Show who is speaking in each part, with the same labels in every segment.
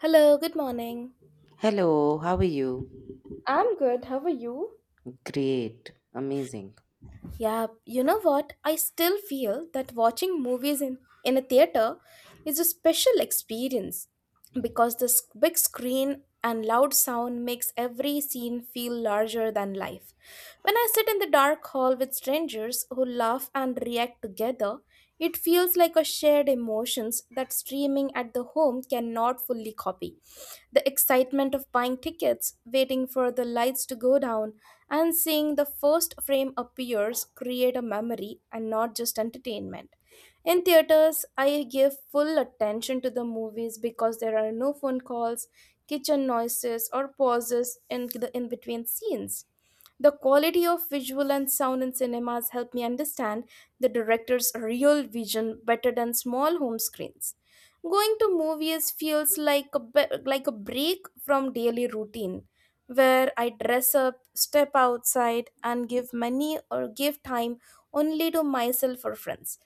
Speaker 1: Hello, good morning.
Speaker 2: Hello, how are you?
Speaker 1: I'm good. How are you?
Speaker 2: Great, amazing.
Speaker 1: Yeah, you know what? I still feel that watching movies in a theater is a special experience. Because the big screen and loud sound makes every scene feel larger than life. When I sit in the dark hall with strangers who laugh and react together, it feels like a shared emotions that streaming at the home cannot fully copy. The excitement of buying tickets, waiting for the lights to go down, and seeing the first frame appears create a memory and not just entertainment. In theaters, I give full attention to the movies because there are no phone calls, kitchen noises, or pauses in the in between scenes. The quality of visual and sound in cinemas help me understand the director's real vision better than small home screens. Going to movies feels like like a break from daily routine where I dress up, step outside and give money or give time only to myself or friends.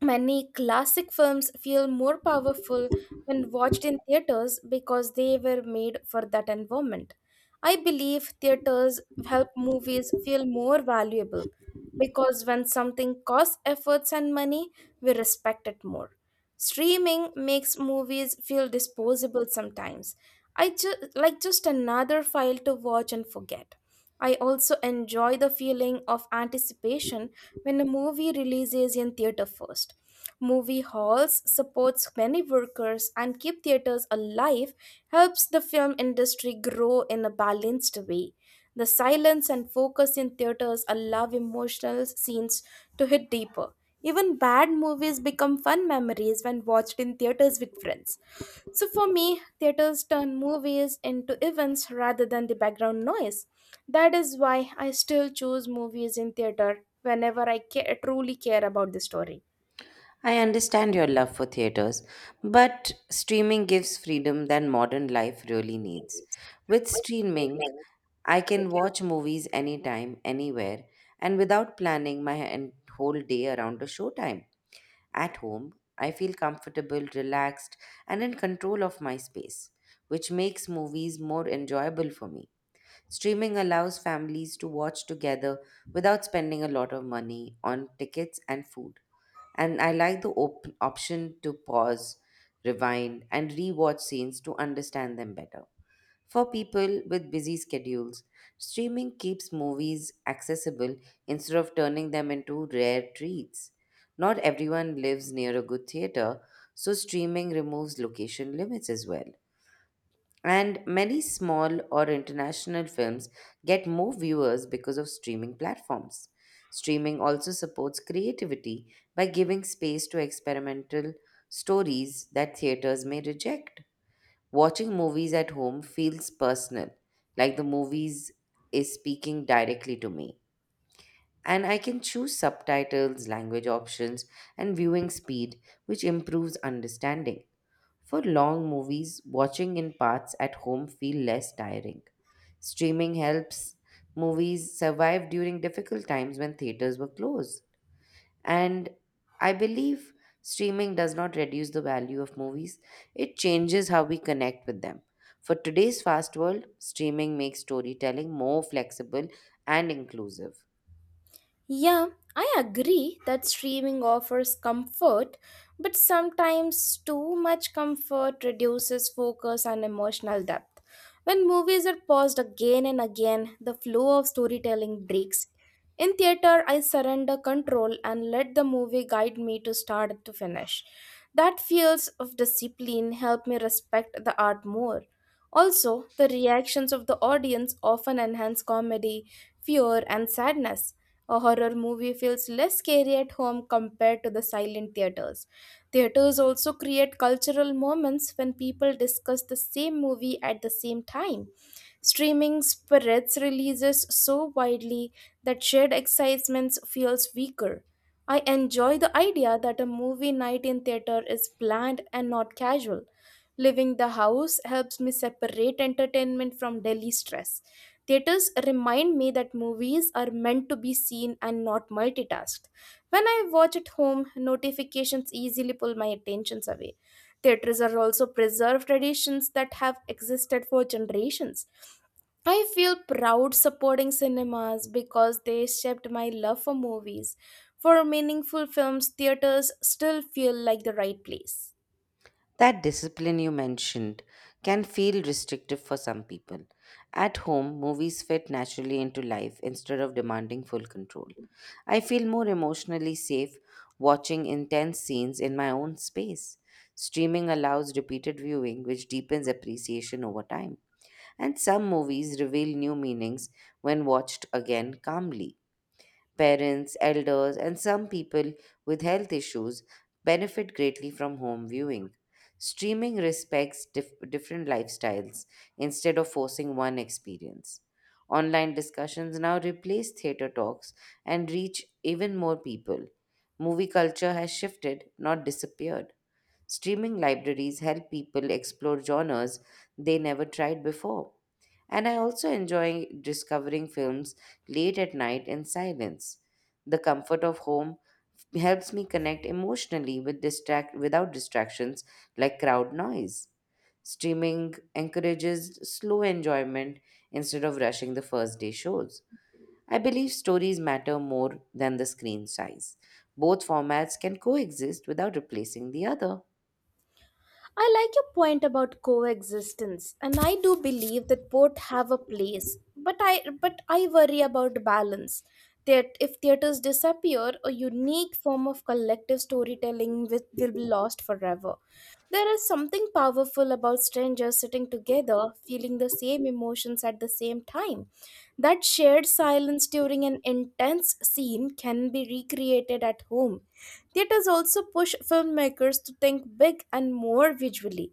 Speaker 1: Many classic films feel more powerful when watched in theaters because they were made for that environment. I believe theaters help movies feel more valuable because when something costs efforts and money, we respect it more. Streaming makes movies feel disposable sometimes. Like just another file to watch and forget. I also enjoy the feeling of anticipation when a movie releases in theater first. Movie halls supports many workers and keep theaters alive helps the film industry grow in a balanced way. The silence and focus in theaters allow emotional scenes to hit deeper. Even bad movies become fun memories when watched in theaters with friends. So for me, theaters turn movies into events rather than the background noise. That is why I still choose movies in theater whenever truly care about the story.
Speaker 2: I understand your love for theaters, but streaming gives freedom that modern life really needs. With streaming, I can watch movies anytime, anywhere, and without planning my whole day around a showtime. At home, I feel comfortable, relaxed, and in control of my space, which makes movies more enjoyable for me. Streaming allows families to watch together without spending a lot of money on tickets and food. And I like the option to pause, rewind, and rewatch scenes to understand them better. For people with busy schedules, streaming keeps movies accessible instead of turning them into rare treats. Not everyone lives near a good theater, so streaming removes location limits as well. And many small or international films get more viewers because of streaming platforms. Streaming also supports creativity by giving space to experimental stories that theaters may reject. Watching movies at home feels personal, like the movies is speaking directly to me. And I can choose subtitles, language options, and viewing speed, which improves understanding. For long movies, watching in parts at home feel less tiring. Streaming helps movies survive during difficult times when theaters were closed. And I believe streaming does not reduce the value of movies, it changes how we connect with them. For today's fast world, streaming makes storytelling more flexible and inclusive.
Speaker 1: Yeah, I agree that streaming offers comfort, but sometimes too much comfort reduces focus and emotional depth. When movies are paused again and again, the flow of storytelling breaks. In theater, I surrender control and let the movie guide me to start to finish. That feels of discipline help me respect the art more. Also, the reactions of the audience often enhance comedy, fear, and sadness. A horror movie feels less scary at home compared to the silent theaters. Theaters also create cultural moments when people discuss the same movie at the same time. Streaming spreads releases so widely that shared excitement feels weaker. I enjoy the idea that a movie night in theater is planned and not casual. Leaving the house helps me separate entertainment from daily stress. Theaters remind me that movies are meant to be seen and not multitasked. When I watch at home, notifications easily pull my attentions away. Theaters are also preserved traditions that have existed for generations. I feel proud supporting cinemas because they shaped my love for movies. For meaningful films, theaters still feel like the right place.
Speaker 2: That discipline you mentioned can feel restrictive for some people. At home, movies fit naturally into life instead of demanding full control. I feel more emotionally safe watching intense scenes in my own space. Streaming allows repeated viewing, which deepens appreciation over time. And some movies reveal new meanings when watched again calmly. Parents, elders, and some people with health issues benefit greatly from home viewing. Streaming respects different lifestyles instead of forcing one experience. Online discussions now replace theater talks and reach even more people. Movie culture has shifted, not disappeared. Streaming libraries help people explore genres they never tried before. And I also enjoy discovering films late at night in silence. The comfort of home helps me connect emotionally without distractions like crowd noise. Streaming encourages slow enjoyment instead of rushing the first day shows. I believe stories matter more than the screen size. Both formats can coexist without replacing the other.
Speaker 1: I like your point about coexistence, and I do believe that both have a place. But I worry about balance. That if theaters disappear, a unique form of collective storytelling with, will be lost forever. There is something powerful about strangers sitting together, feeling the same emotions at the same time. That shared silence during an intense scene can be recreated at home. Theaters also push filmmakers to think big and more visually.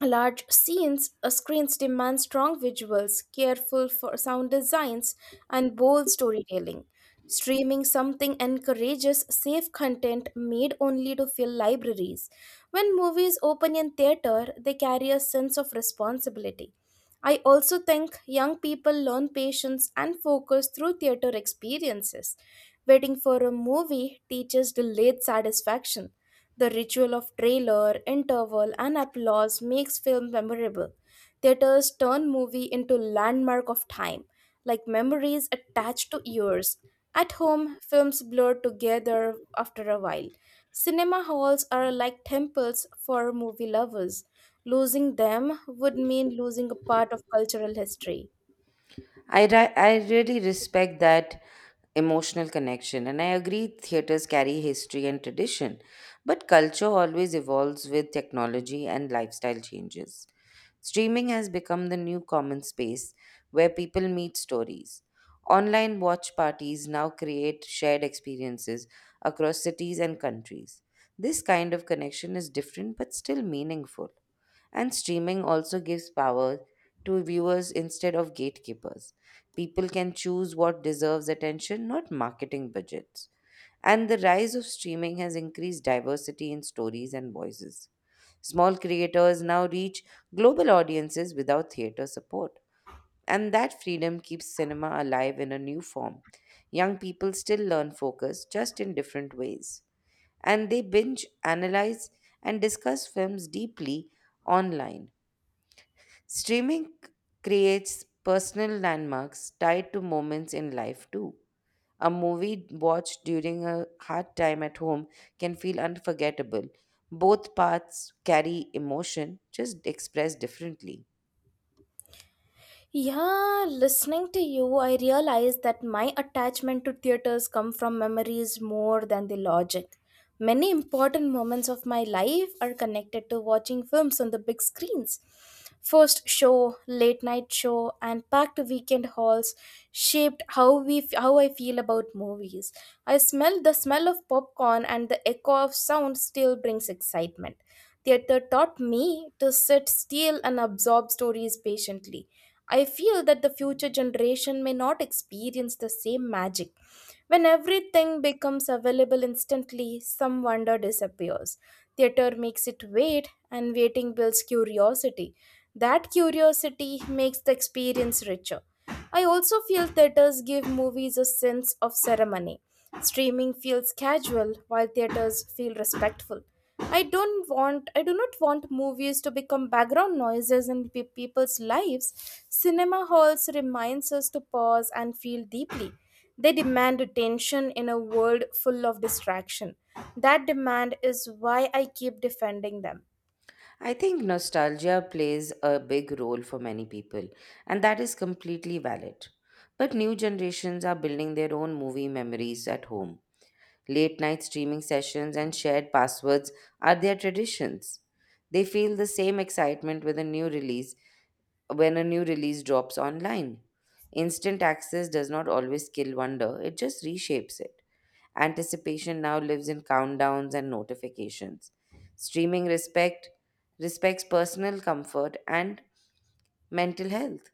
Speaker 1: Large scenes, screens demand strong visuals, careful for sound designs, and bold storytelling. Streaming something encourages safe content made only to fill libraries. When movies open in theater, they carry a sense of responsibility. I also think young people learn patience and focus through theater experiences. Waiting for a movie teaches delayed satisfaction. The ritual of trailer, interval, and applause makes film memorable. Theaters turn movie into landmark of time, like memories attached to years. At home, films blur together after a while. Cinema halls are like temples for movie lovers. Losing them would mean losing a part of cultural history.
Speaker 2: I really respect that emotional connection, and I agree theaters carry history and tradition, but culture always evolves with technology and lifestyle changes. Streaming has become the new common space where people meet stories. Online watch parties now create shared experiences across cities and countries. This kind of connection is different but still meaningful. And streaming also gives power to viewers instead of gatekeepers. People can choose what deserves attention, not marketing budgets. And the rise of streaming has increased diversity in stories and voices. Small creators now reach global audiences without theater support. And that freedom keeps cinema alive in a new form. Young people still learn focus, just in different ways. And they binge, analyze, and discuss films deeply online. Streaming creates personal landmarks tied to moments in life too. A movie watched during a hard time at home can feel unforgettable. Both paths carry emotion, just expressed differently.
Speaker 1: Yeah, listening to you, I realize that my attachment to theaters come from memories more than the logic. Many important moments of my life are connected to watching films on the big screens. First show, late night show, and packed weekend halls shaped how I feel about movies. I smell the smell of popcorn and the echo of sound still brings excitement. Theater taught me to sit still and absorb stories patiently. I feel that the future generation may not experience the same magic. When everything becomes available instantly, some wonder disappears. Theater makes it wait, and waiting builds curiosity. That curiosity makes the experience richer. I also feel theaters give movies a sense of ceremony. Streaming feels casual, while theaters feel respectful. I do not want movies to become background noises in people's lives. Cinema halls reminds us to pause and feel deeply. They demand attention in a world full of distraction. That demand is why I keep defending them.
Speaker 2: I think nostalgia plays a big role for many people, and that is completely valid. But new generations are building their own movie memories at home. Late night streaming sessions and shared passwords are their traditions. They feel the same excitement with a new release When a new release drops online. Instant access does not always kill wonder, it just reshapes it. Anticipation now lives in countdowns and notifications. Streaming respects personal comfort and mental health.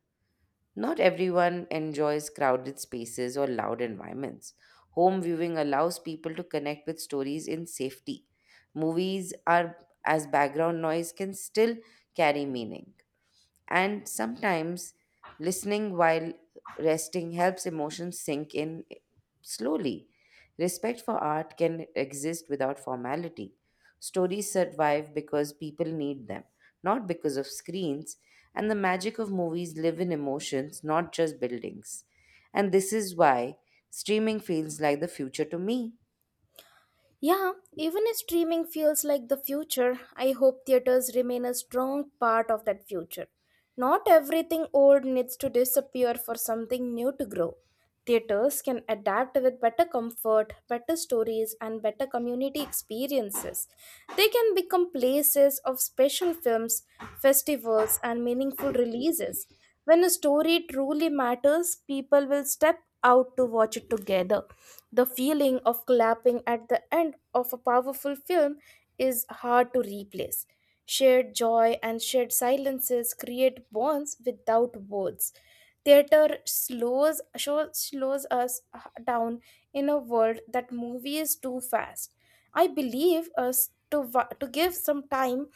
Speaker 2: Not everyone enjoys crowded spaces or loud environments. Home viewing allows people to connect with stories in safety. Movies are as background noise can still carry meaning. And sometimes listening while resting helps emotions sink in slowly. Respect for art can exist without formality. Stories survive because people need them, not because of screens. And the magic of movies live in emotions, not just buildings. And this is why streaming feels like the future to me.
Speaker 1: Yeah, even if streaming feels like the future, I hope theaters remain a strong part of that future. Not everything old needs to disappear for something new to grow. Theaters can adapt with better comfort, better stories, and better community experiences. They can become places of special films, festivals, and meaningful releases. When a story truly matters, people will step out to watch it together. The feeling of clapping at the end of a powerful film is hard to replace. Shared joy and shared silences create bonds without words. Theater slows us down in a world that movie is too fast. I believe us to give some time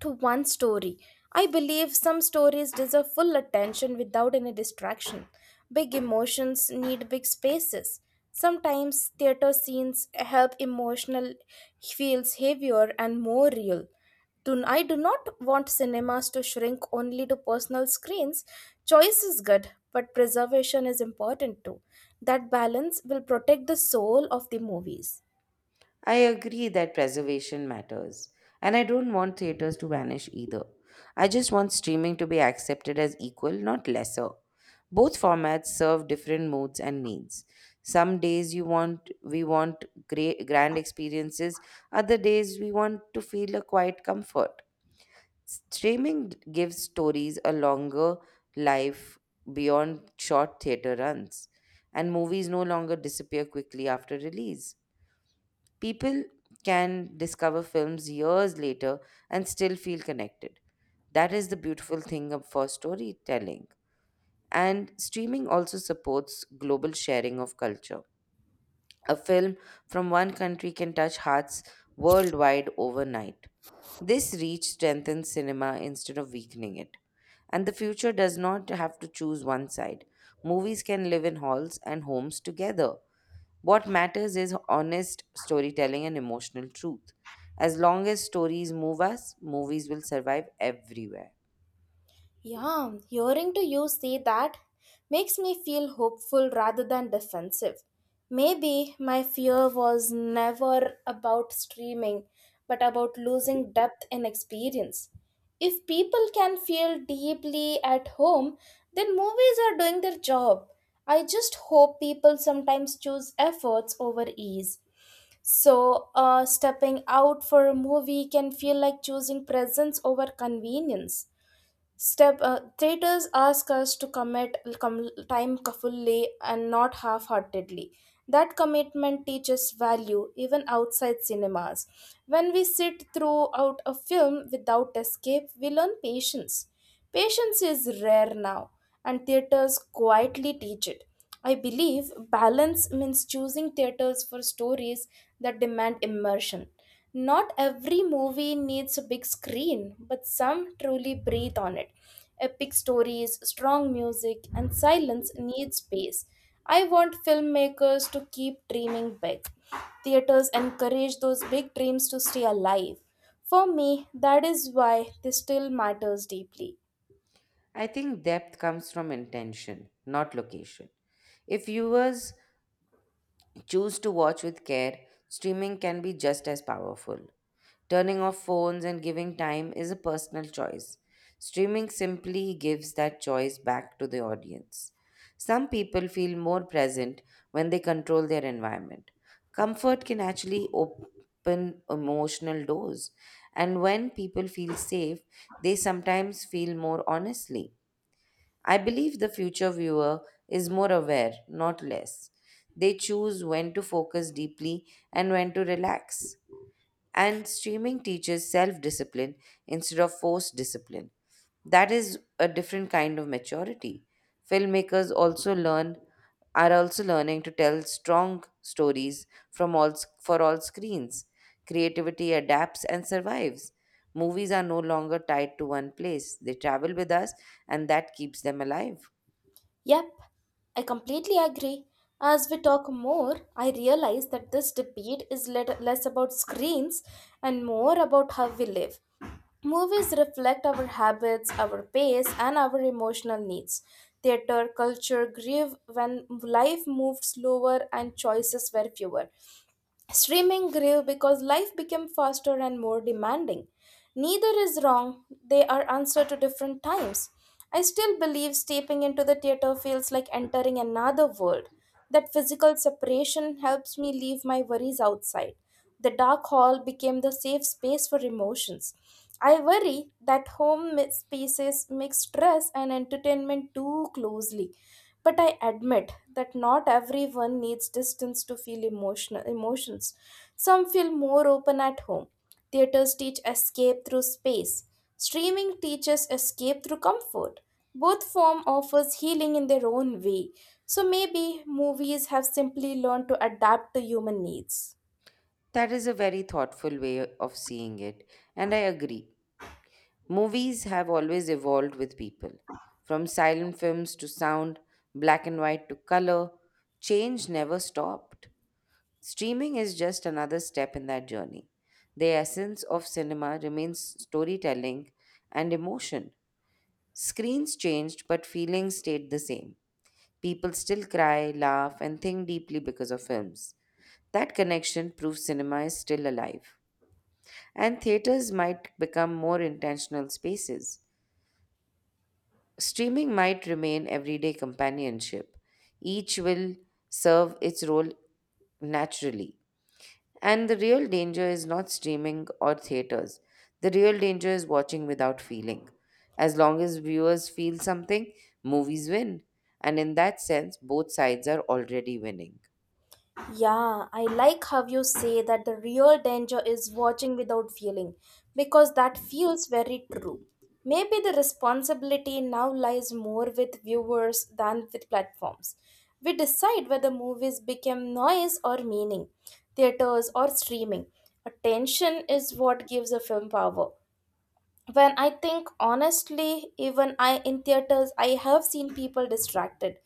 Speaker 1: to one story. I believe some stories deserve full attention without any distraction. Big emotions need big spaces. Sometimes theater scenes help emotional feels heavier and more real. I do not want cinemas to shrink only to personal screens. Choice is good, but preservation is important too. That balance will protect the soul of the movies.
Speaker 2: I agree that preservation matters, and I don't want theaters to vanish either. I just want streaming to be accepted as equal, not lesser. Both formats serve different moods and needs. Some days you want we want great grand experiences, other days we want to feel a quiet comfort. Streaming gives stories a longer life beyond short theater runs, and movies no longer disappear quickly after release. People can discover films years later and still feel connected. That is the beautiful for storytelling. And streaming also supports global sharing of culture. A film from one country can touch hearts worldwide overnight. This reach strengthens cinema instead of weakening it. And the future does not have to choose one side. Movies can live in halls and homes together. What matters is honest storytelling and emotional truth. As long as stories move us, movies will survive everywhere.
Speaker 1: Yeah, hearing to you say that makes me feel hopeful rather than defensive. Maybe my fear was never about streaming, but about losing depth and experience. If people can feel deeply at home, then movies are doing their job. I just hope people sometimes choose efforts over ease. So, stepping out for a movie can feel like choosing presence over convenience step traitors ask us to commit time fully and not half-heartedly, that commitment teaches value even outside cinemas. When we sit throughout a film without escape we learn patience. Patience is rare now, and theaters quietly teach it. I believe balance means choosing theaters for stories that demand immersion. Not every movie needs a big screen, but some truly breathe on it. Epic stories, strong music, and silence need space. I want filmmakers to keep dreaming big. Theaters encourage those big dreams to stay alive. For me, that is why this still matters deeply.
Speaker 2: I think depth comes from intention, not location. If viewers choose to watch with care, streaming can be just as powerful. Turning off phones and giving time is a personal choice. Streaming simply gives that choice back to the audience. Some people feel more present when they control their environment. Comfort can actually open emotional doors, and when people feel safe, they sometimes feel more honestly. I believe the future viewer is more aware, not less. They choose when to focus deeply and when to relax. And streaming teaches self discipline instead of forced discipline. That is a different kind of maturity. Filmmakers also learn are also learning to tell strong stories for all screens. Creativity adapts and survives. Movies are no longer tied to one place. They travel with us and that keeps them alive.
Speaker 1: Yep, I completely agree. As we talk more, I realize that this debate is less about screens and more about how we live. Movies reflect our habits, our pace, and our emotional needs. Theater culture grew when life moved slower and choices were fewer. Streaming grew because life became faster and more demanding. Neither is wrong, they are answer to different times. I still believe stepping into the theater feels like entering another world. That physical separation helps me leave my worries outside. The dark hall became the safe space for emotions. I worry that home spaces mix stress and entertainment too closely. But I admit that not everyone needs distance to feel emotional emotions. Some feel more open at home. Theaters teach escape through space. Streaming teaches escape through comfort. Both form offers healing in their own way. So maybe movies have simply learned to adapt to human needs.
Speaker 2: That is a very thoughtful way of seeing it, and I agree. Movies have always evolved with people, from silent films to sound, black and white to color. Change never stopped. Streaming is just another step in that journey. The essence of cinema remains storytelling and emotion. Screens changed, but feelings stayed the same. People still cry, laugh, and think deeply because of films. That connection proves cinema is still alive. And theaters might become more intentional spaces. Streaming might remain everyday companionship. Each will serve its role naturally. And the real danger is not streaming or theaters. The real danger is watching without feeling. As long as viewers feel something, movies win. And in that sense, both sides are already winning.
Speaker 1: Yeah, I like how you say that the real danger is watching without feeling because that feels very true. Maybe the responsibility now lies more with viewers than with platforms. We decide whether movies become noise or meaning, theaters or streaming. Attention is what gives a film power. When I think honestly, even I in theaters I have seen people distracted,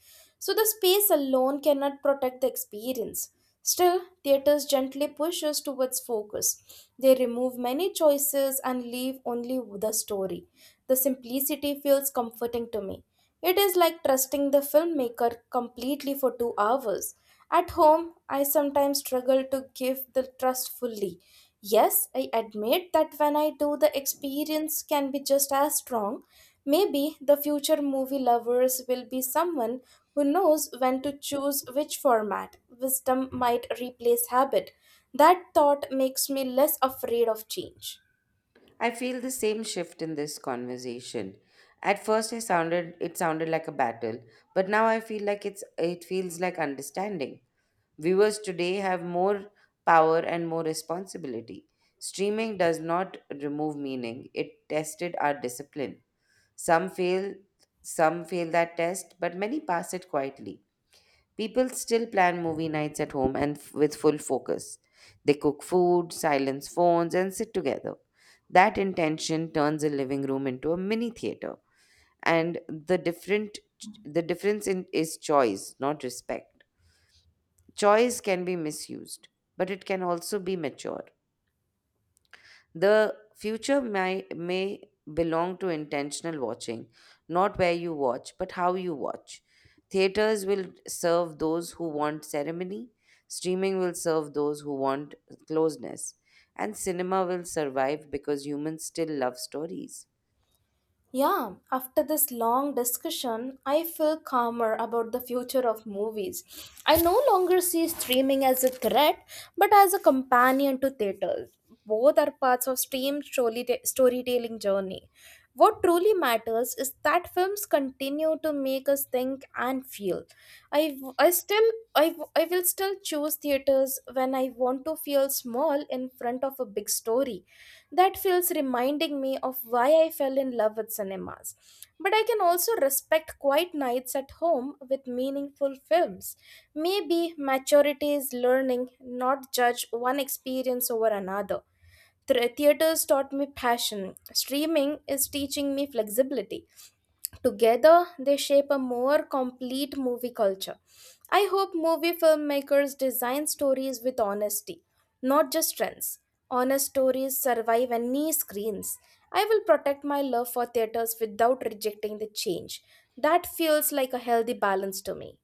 Speaker 1: so the space alone cannot protect the experience. Still, theaters gently push us towards focus. They remove many choices and leave only the story. The simplicity feels comforting to me. It is like trusting the filmmaker completely for 2 hours at home. I sometimes struggle to give the trust fully. Yes, I admit that when I do, the experience can be just as strong. Maybe the future movie lovers will be someone who knows when to choose which format. Wisdom might replace habit. That thought makes me less afraid of change.
Speaker 2: I feel the same shift in this conversation. At first I sounded it sounded like a battle, but now I feel like it's it feels like understanding. Viewers today have more power and more responsibility. Streaming does not remove meaning, it tested our discipline. Some fail, some fail that test, but many pass it quietly. People still plan movie nights at home and with full focus. They cook food, silence phones, and sit together. That intention turns a living room into a mini theater, and the difference in is choice, not respect. Choice can be misused, but it can also be mature. May belong to intentional watching, not where you watch, but how you watch. Theaters will serve those who want ceremony, streaming will serve those who want closeness, and cinema will survive because humans still love stories.
Speaker 1: Yeah, after this long discussion, I feel calmer about the future of movies. I no longer see streaming as a threat, but as a companion to theaters. Both are parts of stream story storytelling journey. What truly matters is that films continue to make us think and feel. I, I still I will still choose theaters when I want to feel small in front of a big story that feels reminding me of why I fell in love with cinemas, but I can also respect quiet nights at home with meaningful films. Maybe maturity is learning not judge one experience over another. Theaters taught me passion, streaming is teaching me flexibility. Together, they shape a more complete movie culture. I hope movie filmmakers design stories with honesty, not just trends. Honest stories survive any screens. I will protect my love for theaters without rejecting the change. That feels like a healthy balance to me.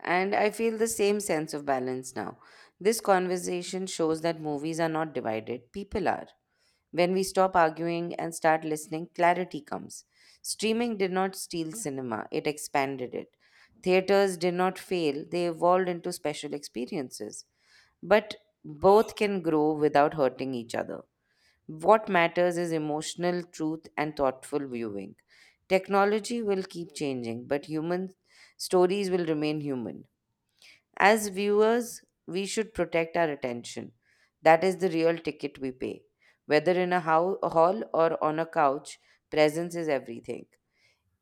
Speaker 2: And I feel the same sense of balance now. This conversation shows that movies are not divided, people are. When we stop arguing and start listening, clarity comes. Streaming did not steal cinema, it expanded it. Theaters did not fail, they evolved into special experiences. But both can grow without hurting each other. What matters is emotional truth and thoughtful viewing. Technology will keep changing, but human stories will remain human. As viewers, we should protect our attention. That is the real ticket we pay. Whether in a hall or on a couch, presence is everything.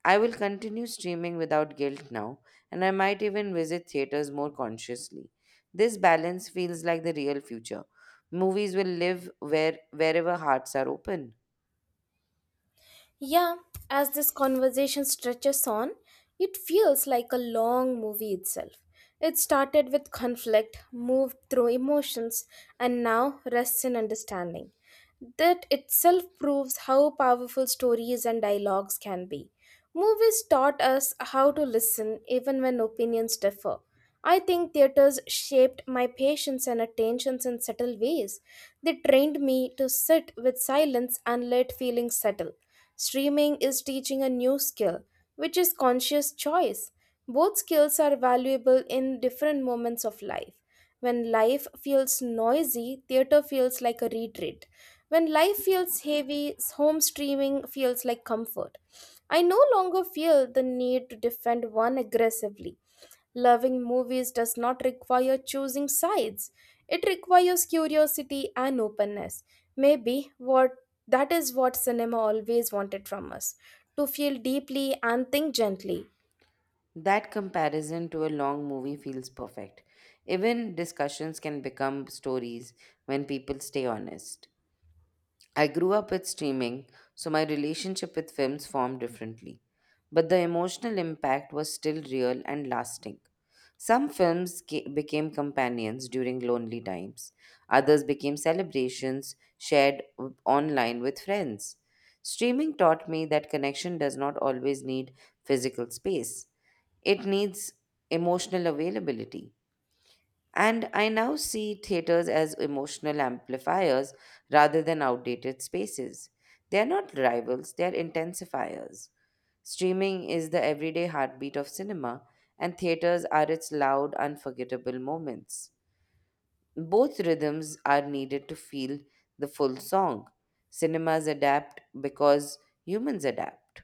Speaker 2: I will continue streaming without guilt now, and I might even visit theaters more consciously. This balance feels like the real future. Movies will live wherever hearts are open.
Speaker 1: Yeah, as this conversation stretches on, it feels like a long movie itself. It started with conflict, moved through emotions, and now rests in understanding. That itself proves how powerful stories and dialogues can be. Movies taught us how to listen even when opinions differ. I think theaters shaped my patience and attentions in subtle ways. They trained me to sit with silence and let feelings settle. Streaming is teaching a new skill, which is conscious choice. Both skills are valuable in different moments of life. When life feels noisy, theater feels like a retreat. When life feels heavy, home streaming feels like comfort. I no longer feel the need to defend one aggressively. Loving movies does not require choosing sides. It requires curiosity and openness. Maybe what That is what cinema always wanted from us, to feel deeply and think gently.
Speaker 2: That comparison to a long movie feels perfect. Even discussions can become stories when people stay honest. I grew up with streaming, so my relationship with films formed differently. But the emotional impact was still real and lasting. Some films became companions during lonely times, others became celebrations shared online with friends. Streaming taught me that connection does not always need physical space, it needs emotional availability. And I now see theaters as emotional amplifiers rather than outdated spaces. They are not rivals, they are intensifiers. Streaming is the everyday heartbeat of cinema, and theaters are its loud, unforgettable moments. Both rhythms are needed to feel the full song. Cinemas adapt because humans adapt,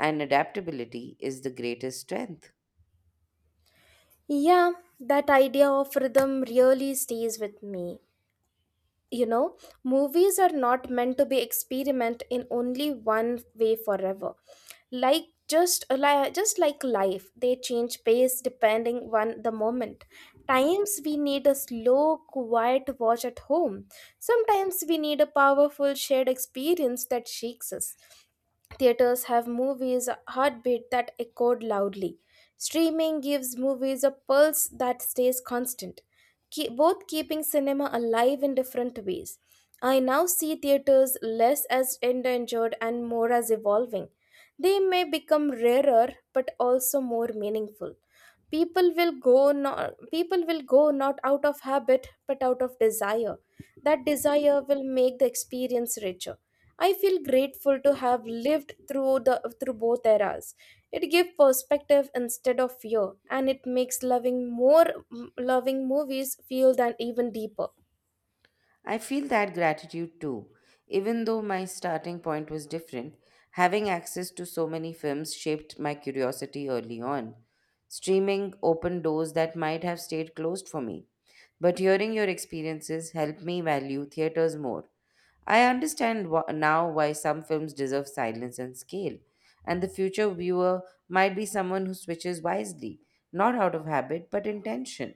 Speaker 2: and adaptability is the greatest strength.
Speaker 1: Yeah, that idea of rhythm really stays with me. You know, movies are not meant to be experiment in only one way forever, like just like life they change pace depending on the moment. Times we need a slow quiet watch at home, sometimes we need a powerful shared experience that shakes us. Theaters have movies' a heartbeat that echoed loudly. Streaming gives movies a pulse that stays constant, both keeping cinema alive in different ways. I now see theaters less as endangered and more as evolving. They may become rarer but also more meaningful. People will go not out of habit but out of desire. That desire will make the experience richer. I feel grateful to have lived through the through both eras. It gives perspective instead of fear, and it makes loving movies feel than even deeper.
Speaker 2: I feel that gratitude too. Even though my starting point was different, having access to so many films shaped my curiosity early on. Streaming opened doors that might have stayed closed for me. But hearing your experiences helped me value theaters more. I understand now why some films deserve silence and scale, and the future viewer might be someone who switches wisely, not out of habit but intention.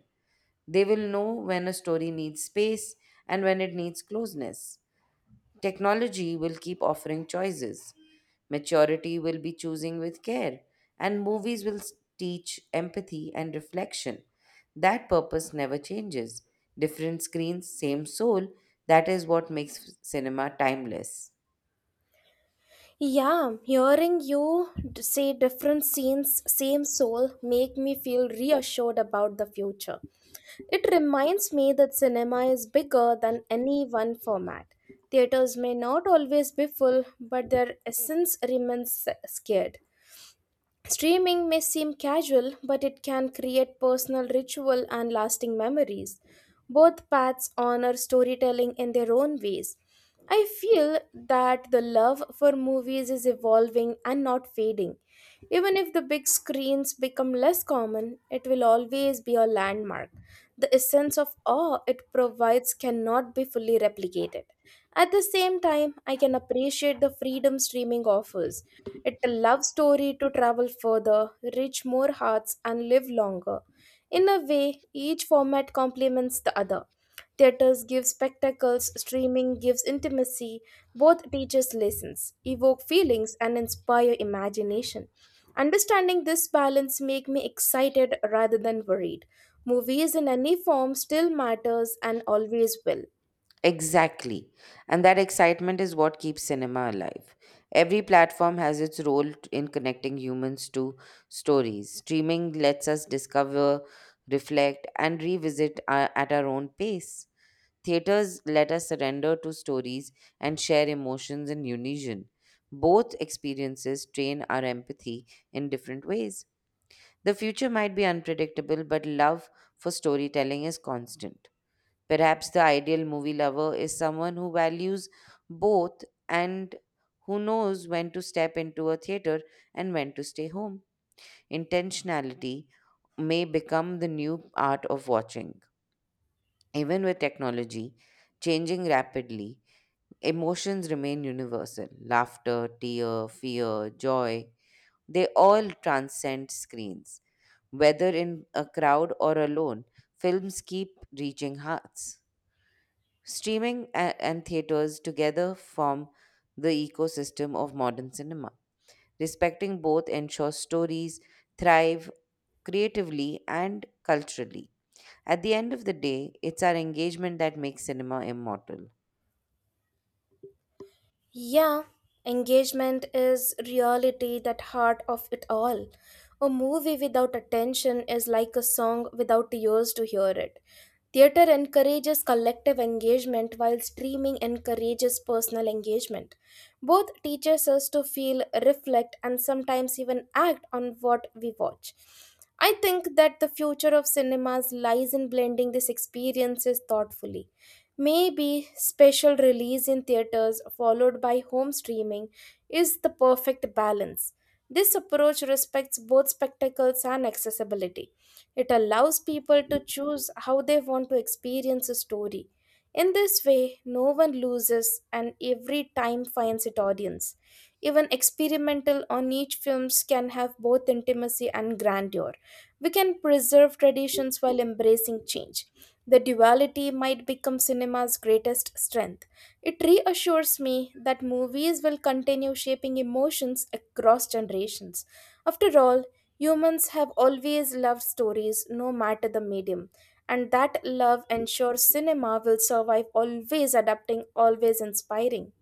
Speaker 2: They will know when a story needs space and when it needs closeness. Technology will keep offering choices. Maturity will be choosing with care. And movies will teach empathy and reflection. That purpose never changes. Different screens, same soul. That is what makes cinema timeless.
Speaker 1: Yeah, hearing you say different scenes, same soul, make me feel reassured about the future. It reminds me that cinema is bigger than any one format. Theaters may not always be full, but their essence remains scared. Streaming may seem casual, but it can create personal ritual and lasting memories. Both paths honor storytelling in their own ways. I feel that the love for movies is evolving and not fading. Even if the big screens become less common, it will always be a landmark. The essence of awe it provides cannot be fully replicated. At the same time, I can appreciate the freedom streaming offers. It's a love story to travel further, reach more hearts, and live longer. In a way, each format complements the other. Theaters give spectacles, streaming gives intimacy, both teaches lessons, evoke feelings, and inspire imagination. Understanding this balance make me excited rather than worried. Movies in any form still matters and always will.
Speaker 2: Exactly. And that excitement is what keeps cinema alive. Every platform has its role in connecting humans to stories. Streaming lets us discover, reflect, and revisit at our own pace. Theaters let us surrender to stories and share emotions in unison. Both experiences train our empathy in different ways. The future might be unpredictable, but love for storytelling is constant. Perhaps the ideal movie lover is someone who values both and who knows when to step into a theater and when to stay home. Intentionality may become the new art of watching. Even with technology changing rapidly, emotions remain universal laughter, tear, fear, joy. They all transcend screens. Whether in a crowd or alone, films keep reaching hearts. Streaming and theaters together form the ecosystem of modern cinema. Respecting both ensures stories thrive creatively and culturally. At the end of the day, it's our engagement that makes cinema immortal.
Speaker 1: Yeah, engagement is reality that heart of it all. A movie without attention is like a song without ears to hear it. Theater encourages collective engagement while streaming encourages personal engagement. Both teaches us to feel, reflect, and sometimes even act on what we watch. I think that the future of cinemas lies in blending these experiences thoughtfully. Maybe special release in theaters followed by home streaming is the perfect balance. This approach respects both spectacles and accessibility. It allows people to choose how they want to experience a story. In this way, no one loses and every time finds its audience. Even experimental or niche films can have both intimacy and grandeur. We can preserve traditions while embracing change. The duality might become cinema's greatest strength. It reassures me that movies will continue shaping emotions across generations. After all, humans have always loved stories, no matter the medium, and that love ensures cinema will survive, always adapting, always inspiring.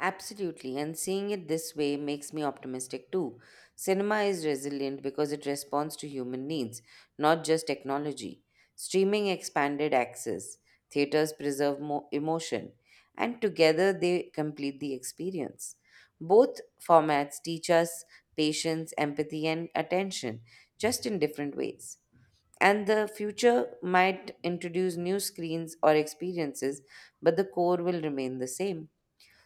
Speaker 2: Absolutely, and seeing it this way makes me optimistic too. Cinema is resilient because it responds to human needs, not just technology. Streaming expanded access, theaters preserve emotion, and together they complete the experience. Both formats teach us patience, empathy, and attention, just in different ways. And the future might introduce new screens or experiences, but the core will remain the same.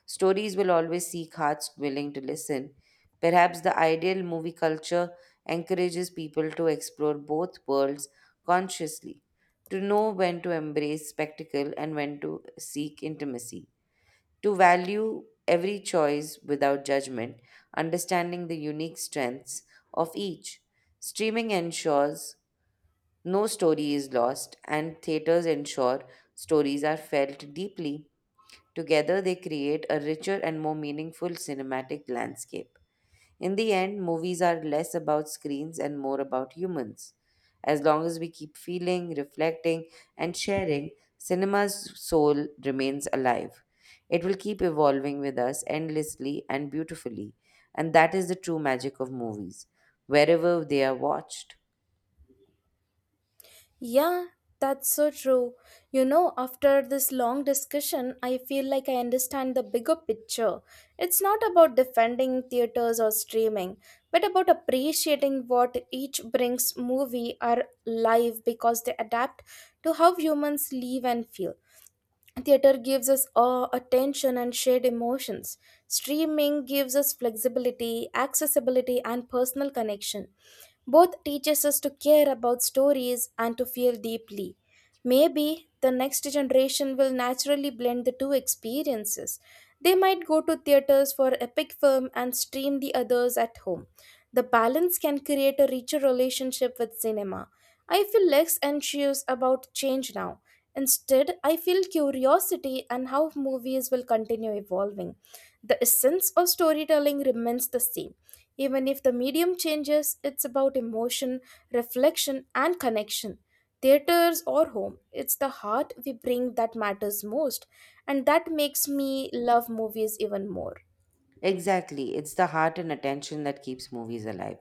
Speaker 2: Stories will always seek hearts willing to listen. Perhaps the ideal movie culture encourages people to explore both worlds consciously, to know when to embrace spectacle and when to seek intimacy, to value every choice without judgment, understanding the unique strengths of each. Streaming ensures no story is lost, and theaters ensure stories are felt deeply. Together, they create a richer and more meaningful cinematic landscape. In the end, movies are less about screens and more about humans. As long as we keep feeling, reflecting, and sharing, cinema's soul remains alive. It will keep evolving with us endlessly and beautifully. And that is the true magic of movies, wherever they are watched.
Speaker 1: Yeah, that's so true. You know, after this long discussion, I feel like I understand the bigger picture. It's not about defending theaters or streaming, but about appreciating what each brings movie or live because they adapt to how humans live and feel. Theater gives us awe, attention, and shared emotions. Streaming gives us flexibility, accessibility, and personal connection. Both teaches us to care about stories and to feel deeply. Maybe the next generation will naturally blend the two experiences. They might go to theaters for epic film and stream the others at home. The balance can create a richer relationship with cinema. I feel less anxious about change now. Instead, I feel curiosity and how movies will continue evolving. The essence of storytelling remains the same even if the medium changes, it's about emotion, reflection, and connection. Theaters or home, it's the heart we bring that matters most, and that makes me love movies even more.
Speaker 2: Exactly. It's the heart and attention that keeps movies alive.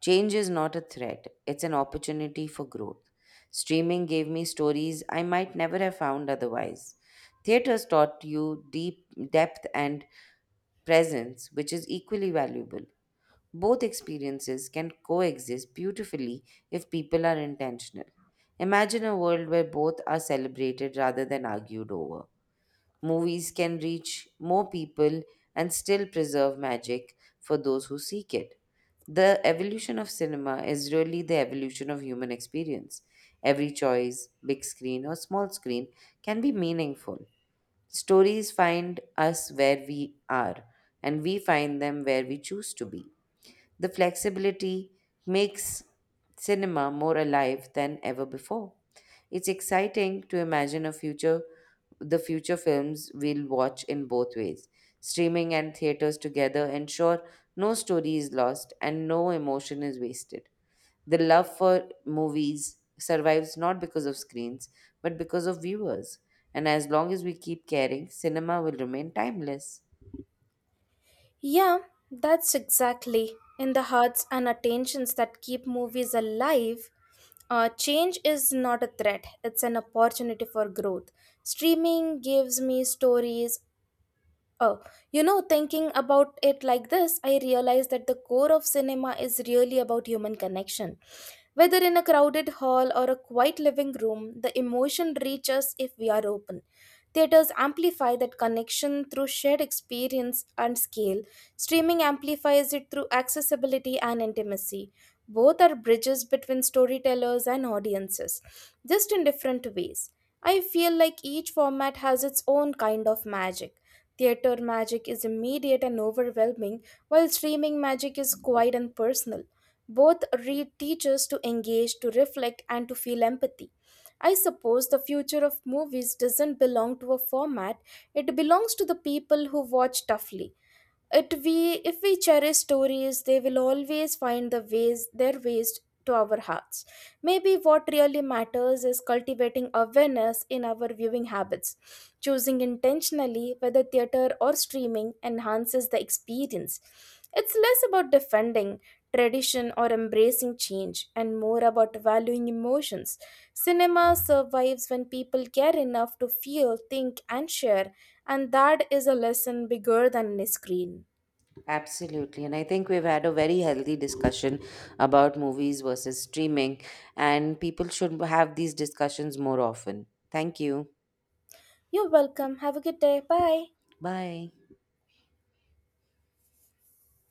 Speaker 2: Change is not a threat, it's an opportunity for growth. Streaming gave me stories I might never have found otherwise. Theaters taught you deep depth and presence, which is equally valuable. Both experiences can coexist beautifully if people are intentional. Imagine a world where both are celebrated rather than argued over. Movies can reach more people and still preserve magic for those who seek it. The evolution of cinema is really the evolution of human experience. Every choice, big screen or small screen, can be meaningful. Stories find us where we are, and we find them where we choose to be. The flexibility makes cinema more alive than ever before. It's exciting to imagine a future the future films we'll watch in both ways. Streaming and theaters together ensure no story is lost and no emotion is wasted. The love for movies survives not because of screens, but because of viewers. And as long as we keep caring, cinema will remain timeless.
Speaker 1: Yeah, that's exactly in the hearts and attentions that keep movies alive. Change is not a threat, it's an opportunity for growth. Streaming gives me stories. Oh, you know, thinking about it like this, I realize that the core of cinema is really about human connection. Whether in a crowded hall or a quiet living room, the emotion reaches if we are open. Theaters amplify that connection through shared experience and scale. Streaming amplifies it through accessibility and intimacy. Both are bridges between storytellers and audiences, just in different ways. I feel like each format has its own kind of magic. Theater magic is immediate and overwhelming, while streaming magic is quiet and personal. Both teach us to engage, to reflect, and to feel empathy. I suppose the future of movies doesn't belong to a format, it belongs to the people who watch toughly. It we If we cherish stories, they will always find their ways to our hearts. Maybe what really matters is cultivating awareness in our viewing habits, choosing intentionally whether theater or streaming enhances the experience. It's less about defending tradition or embracing change and more about valuing emotions. Cinema survives when people care enough to feel, think, and share, and that is a lesson bigger than a screen.
Speaker 2: Absolutely. And I think we've had a very healthy discussion about movies versus streaming, and people should have these discussions more often. Thank you.
Speaker 1: You're welcome. Have a good day. Bye.
Speaker 2: Bye.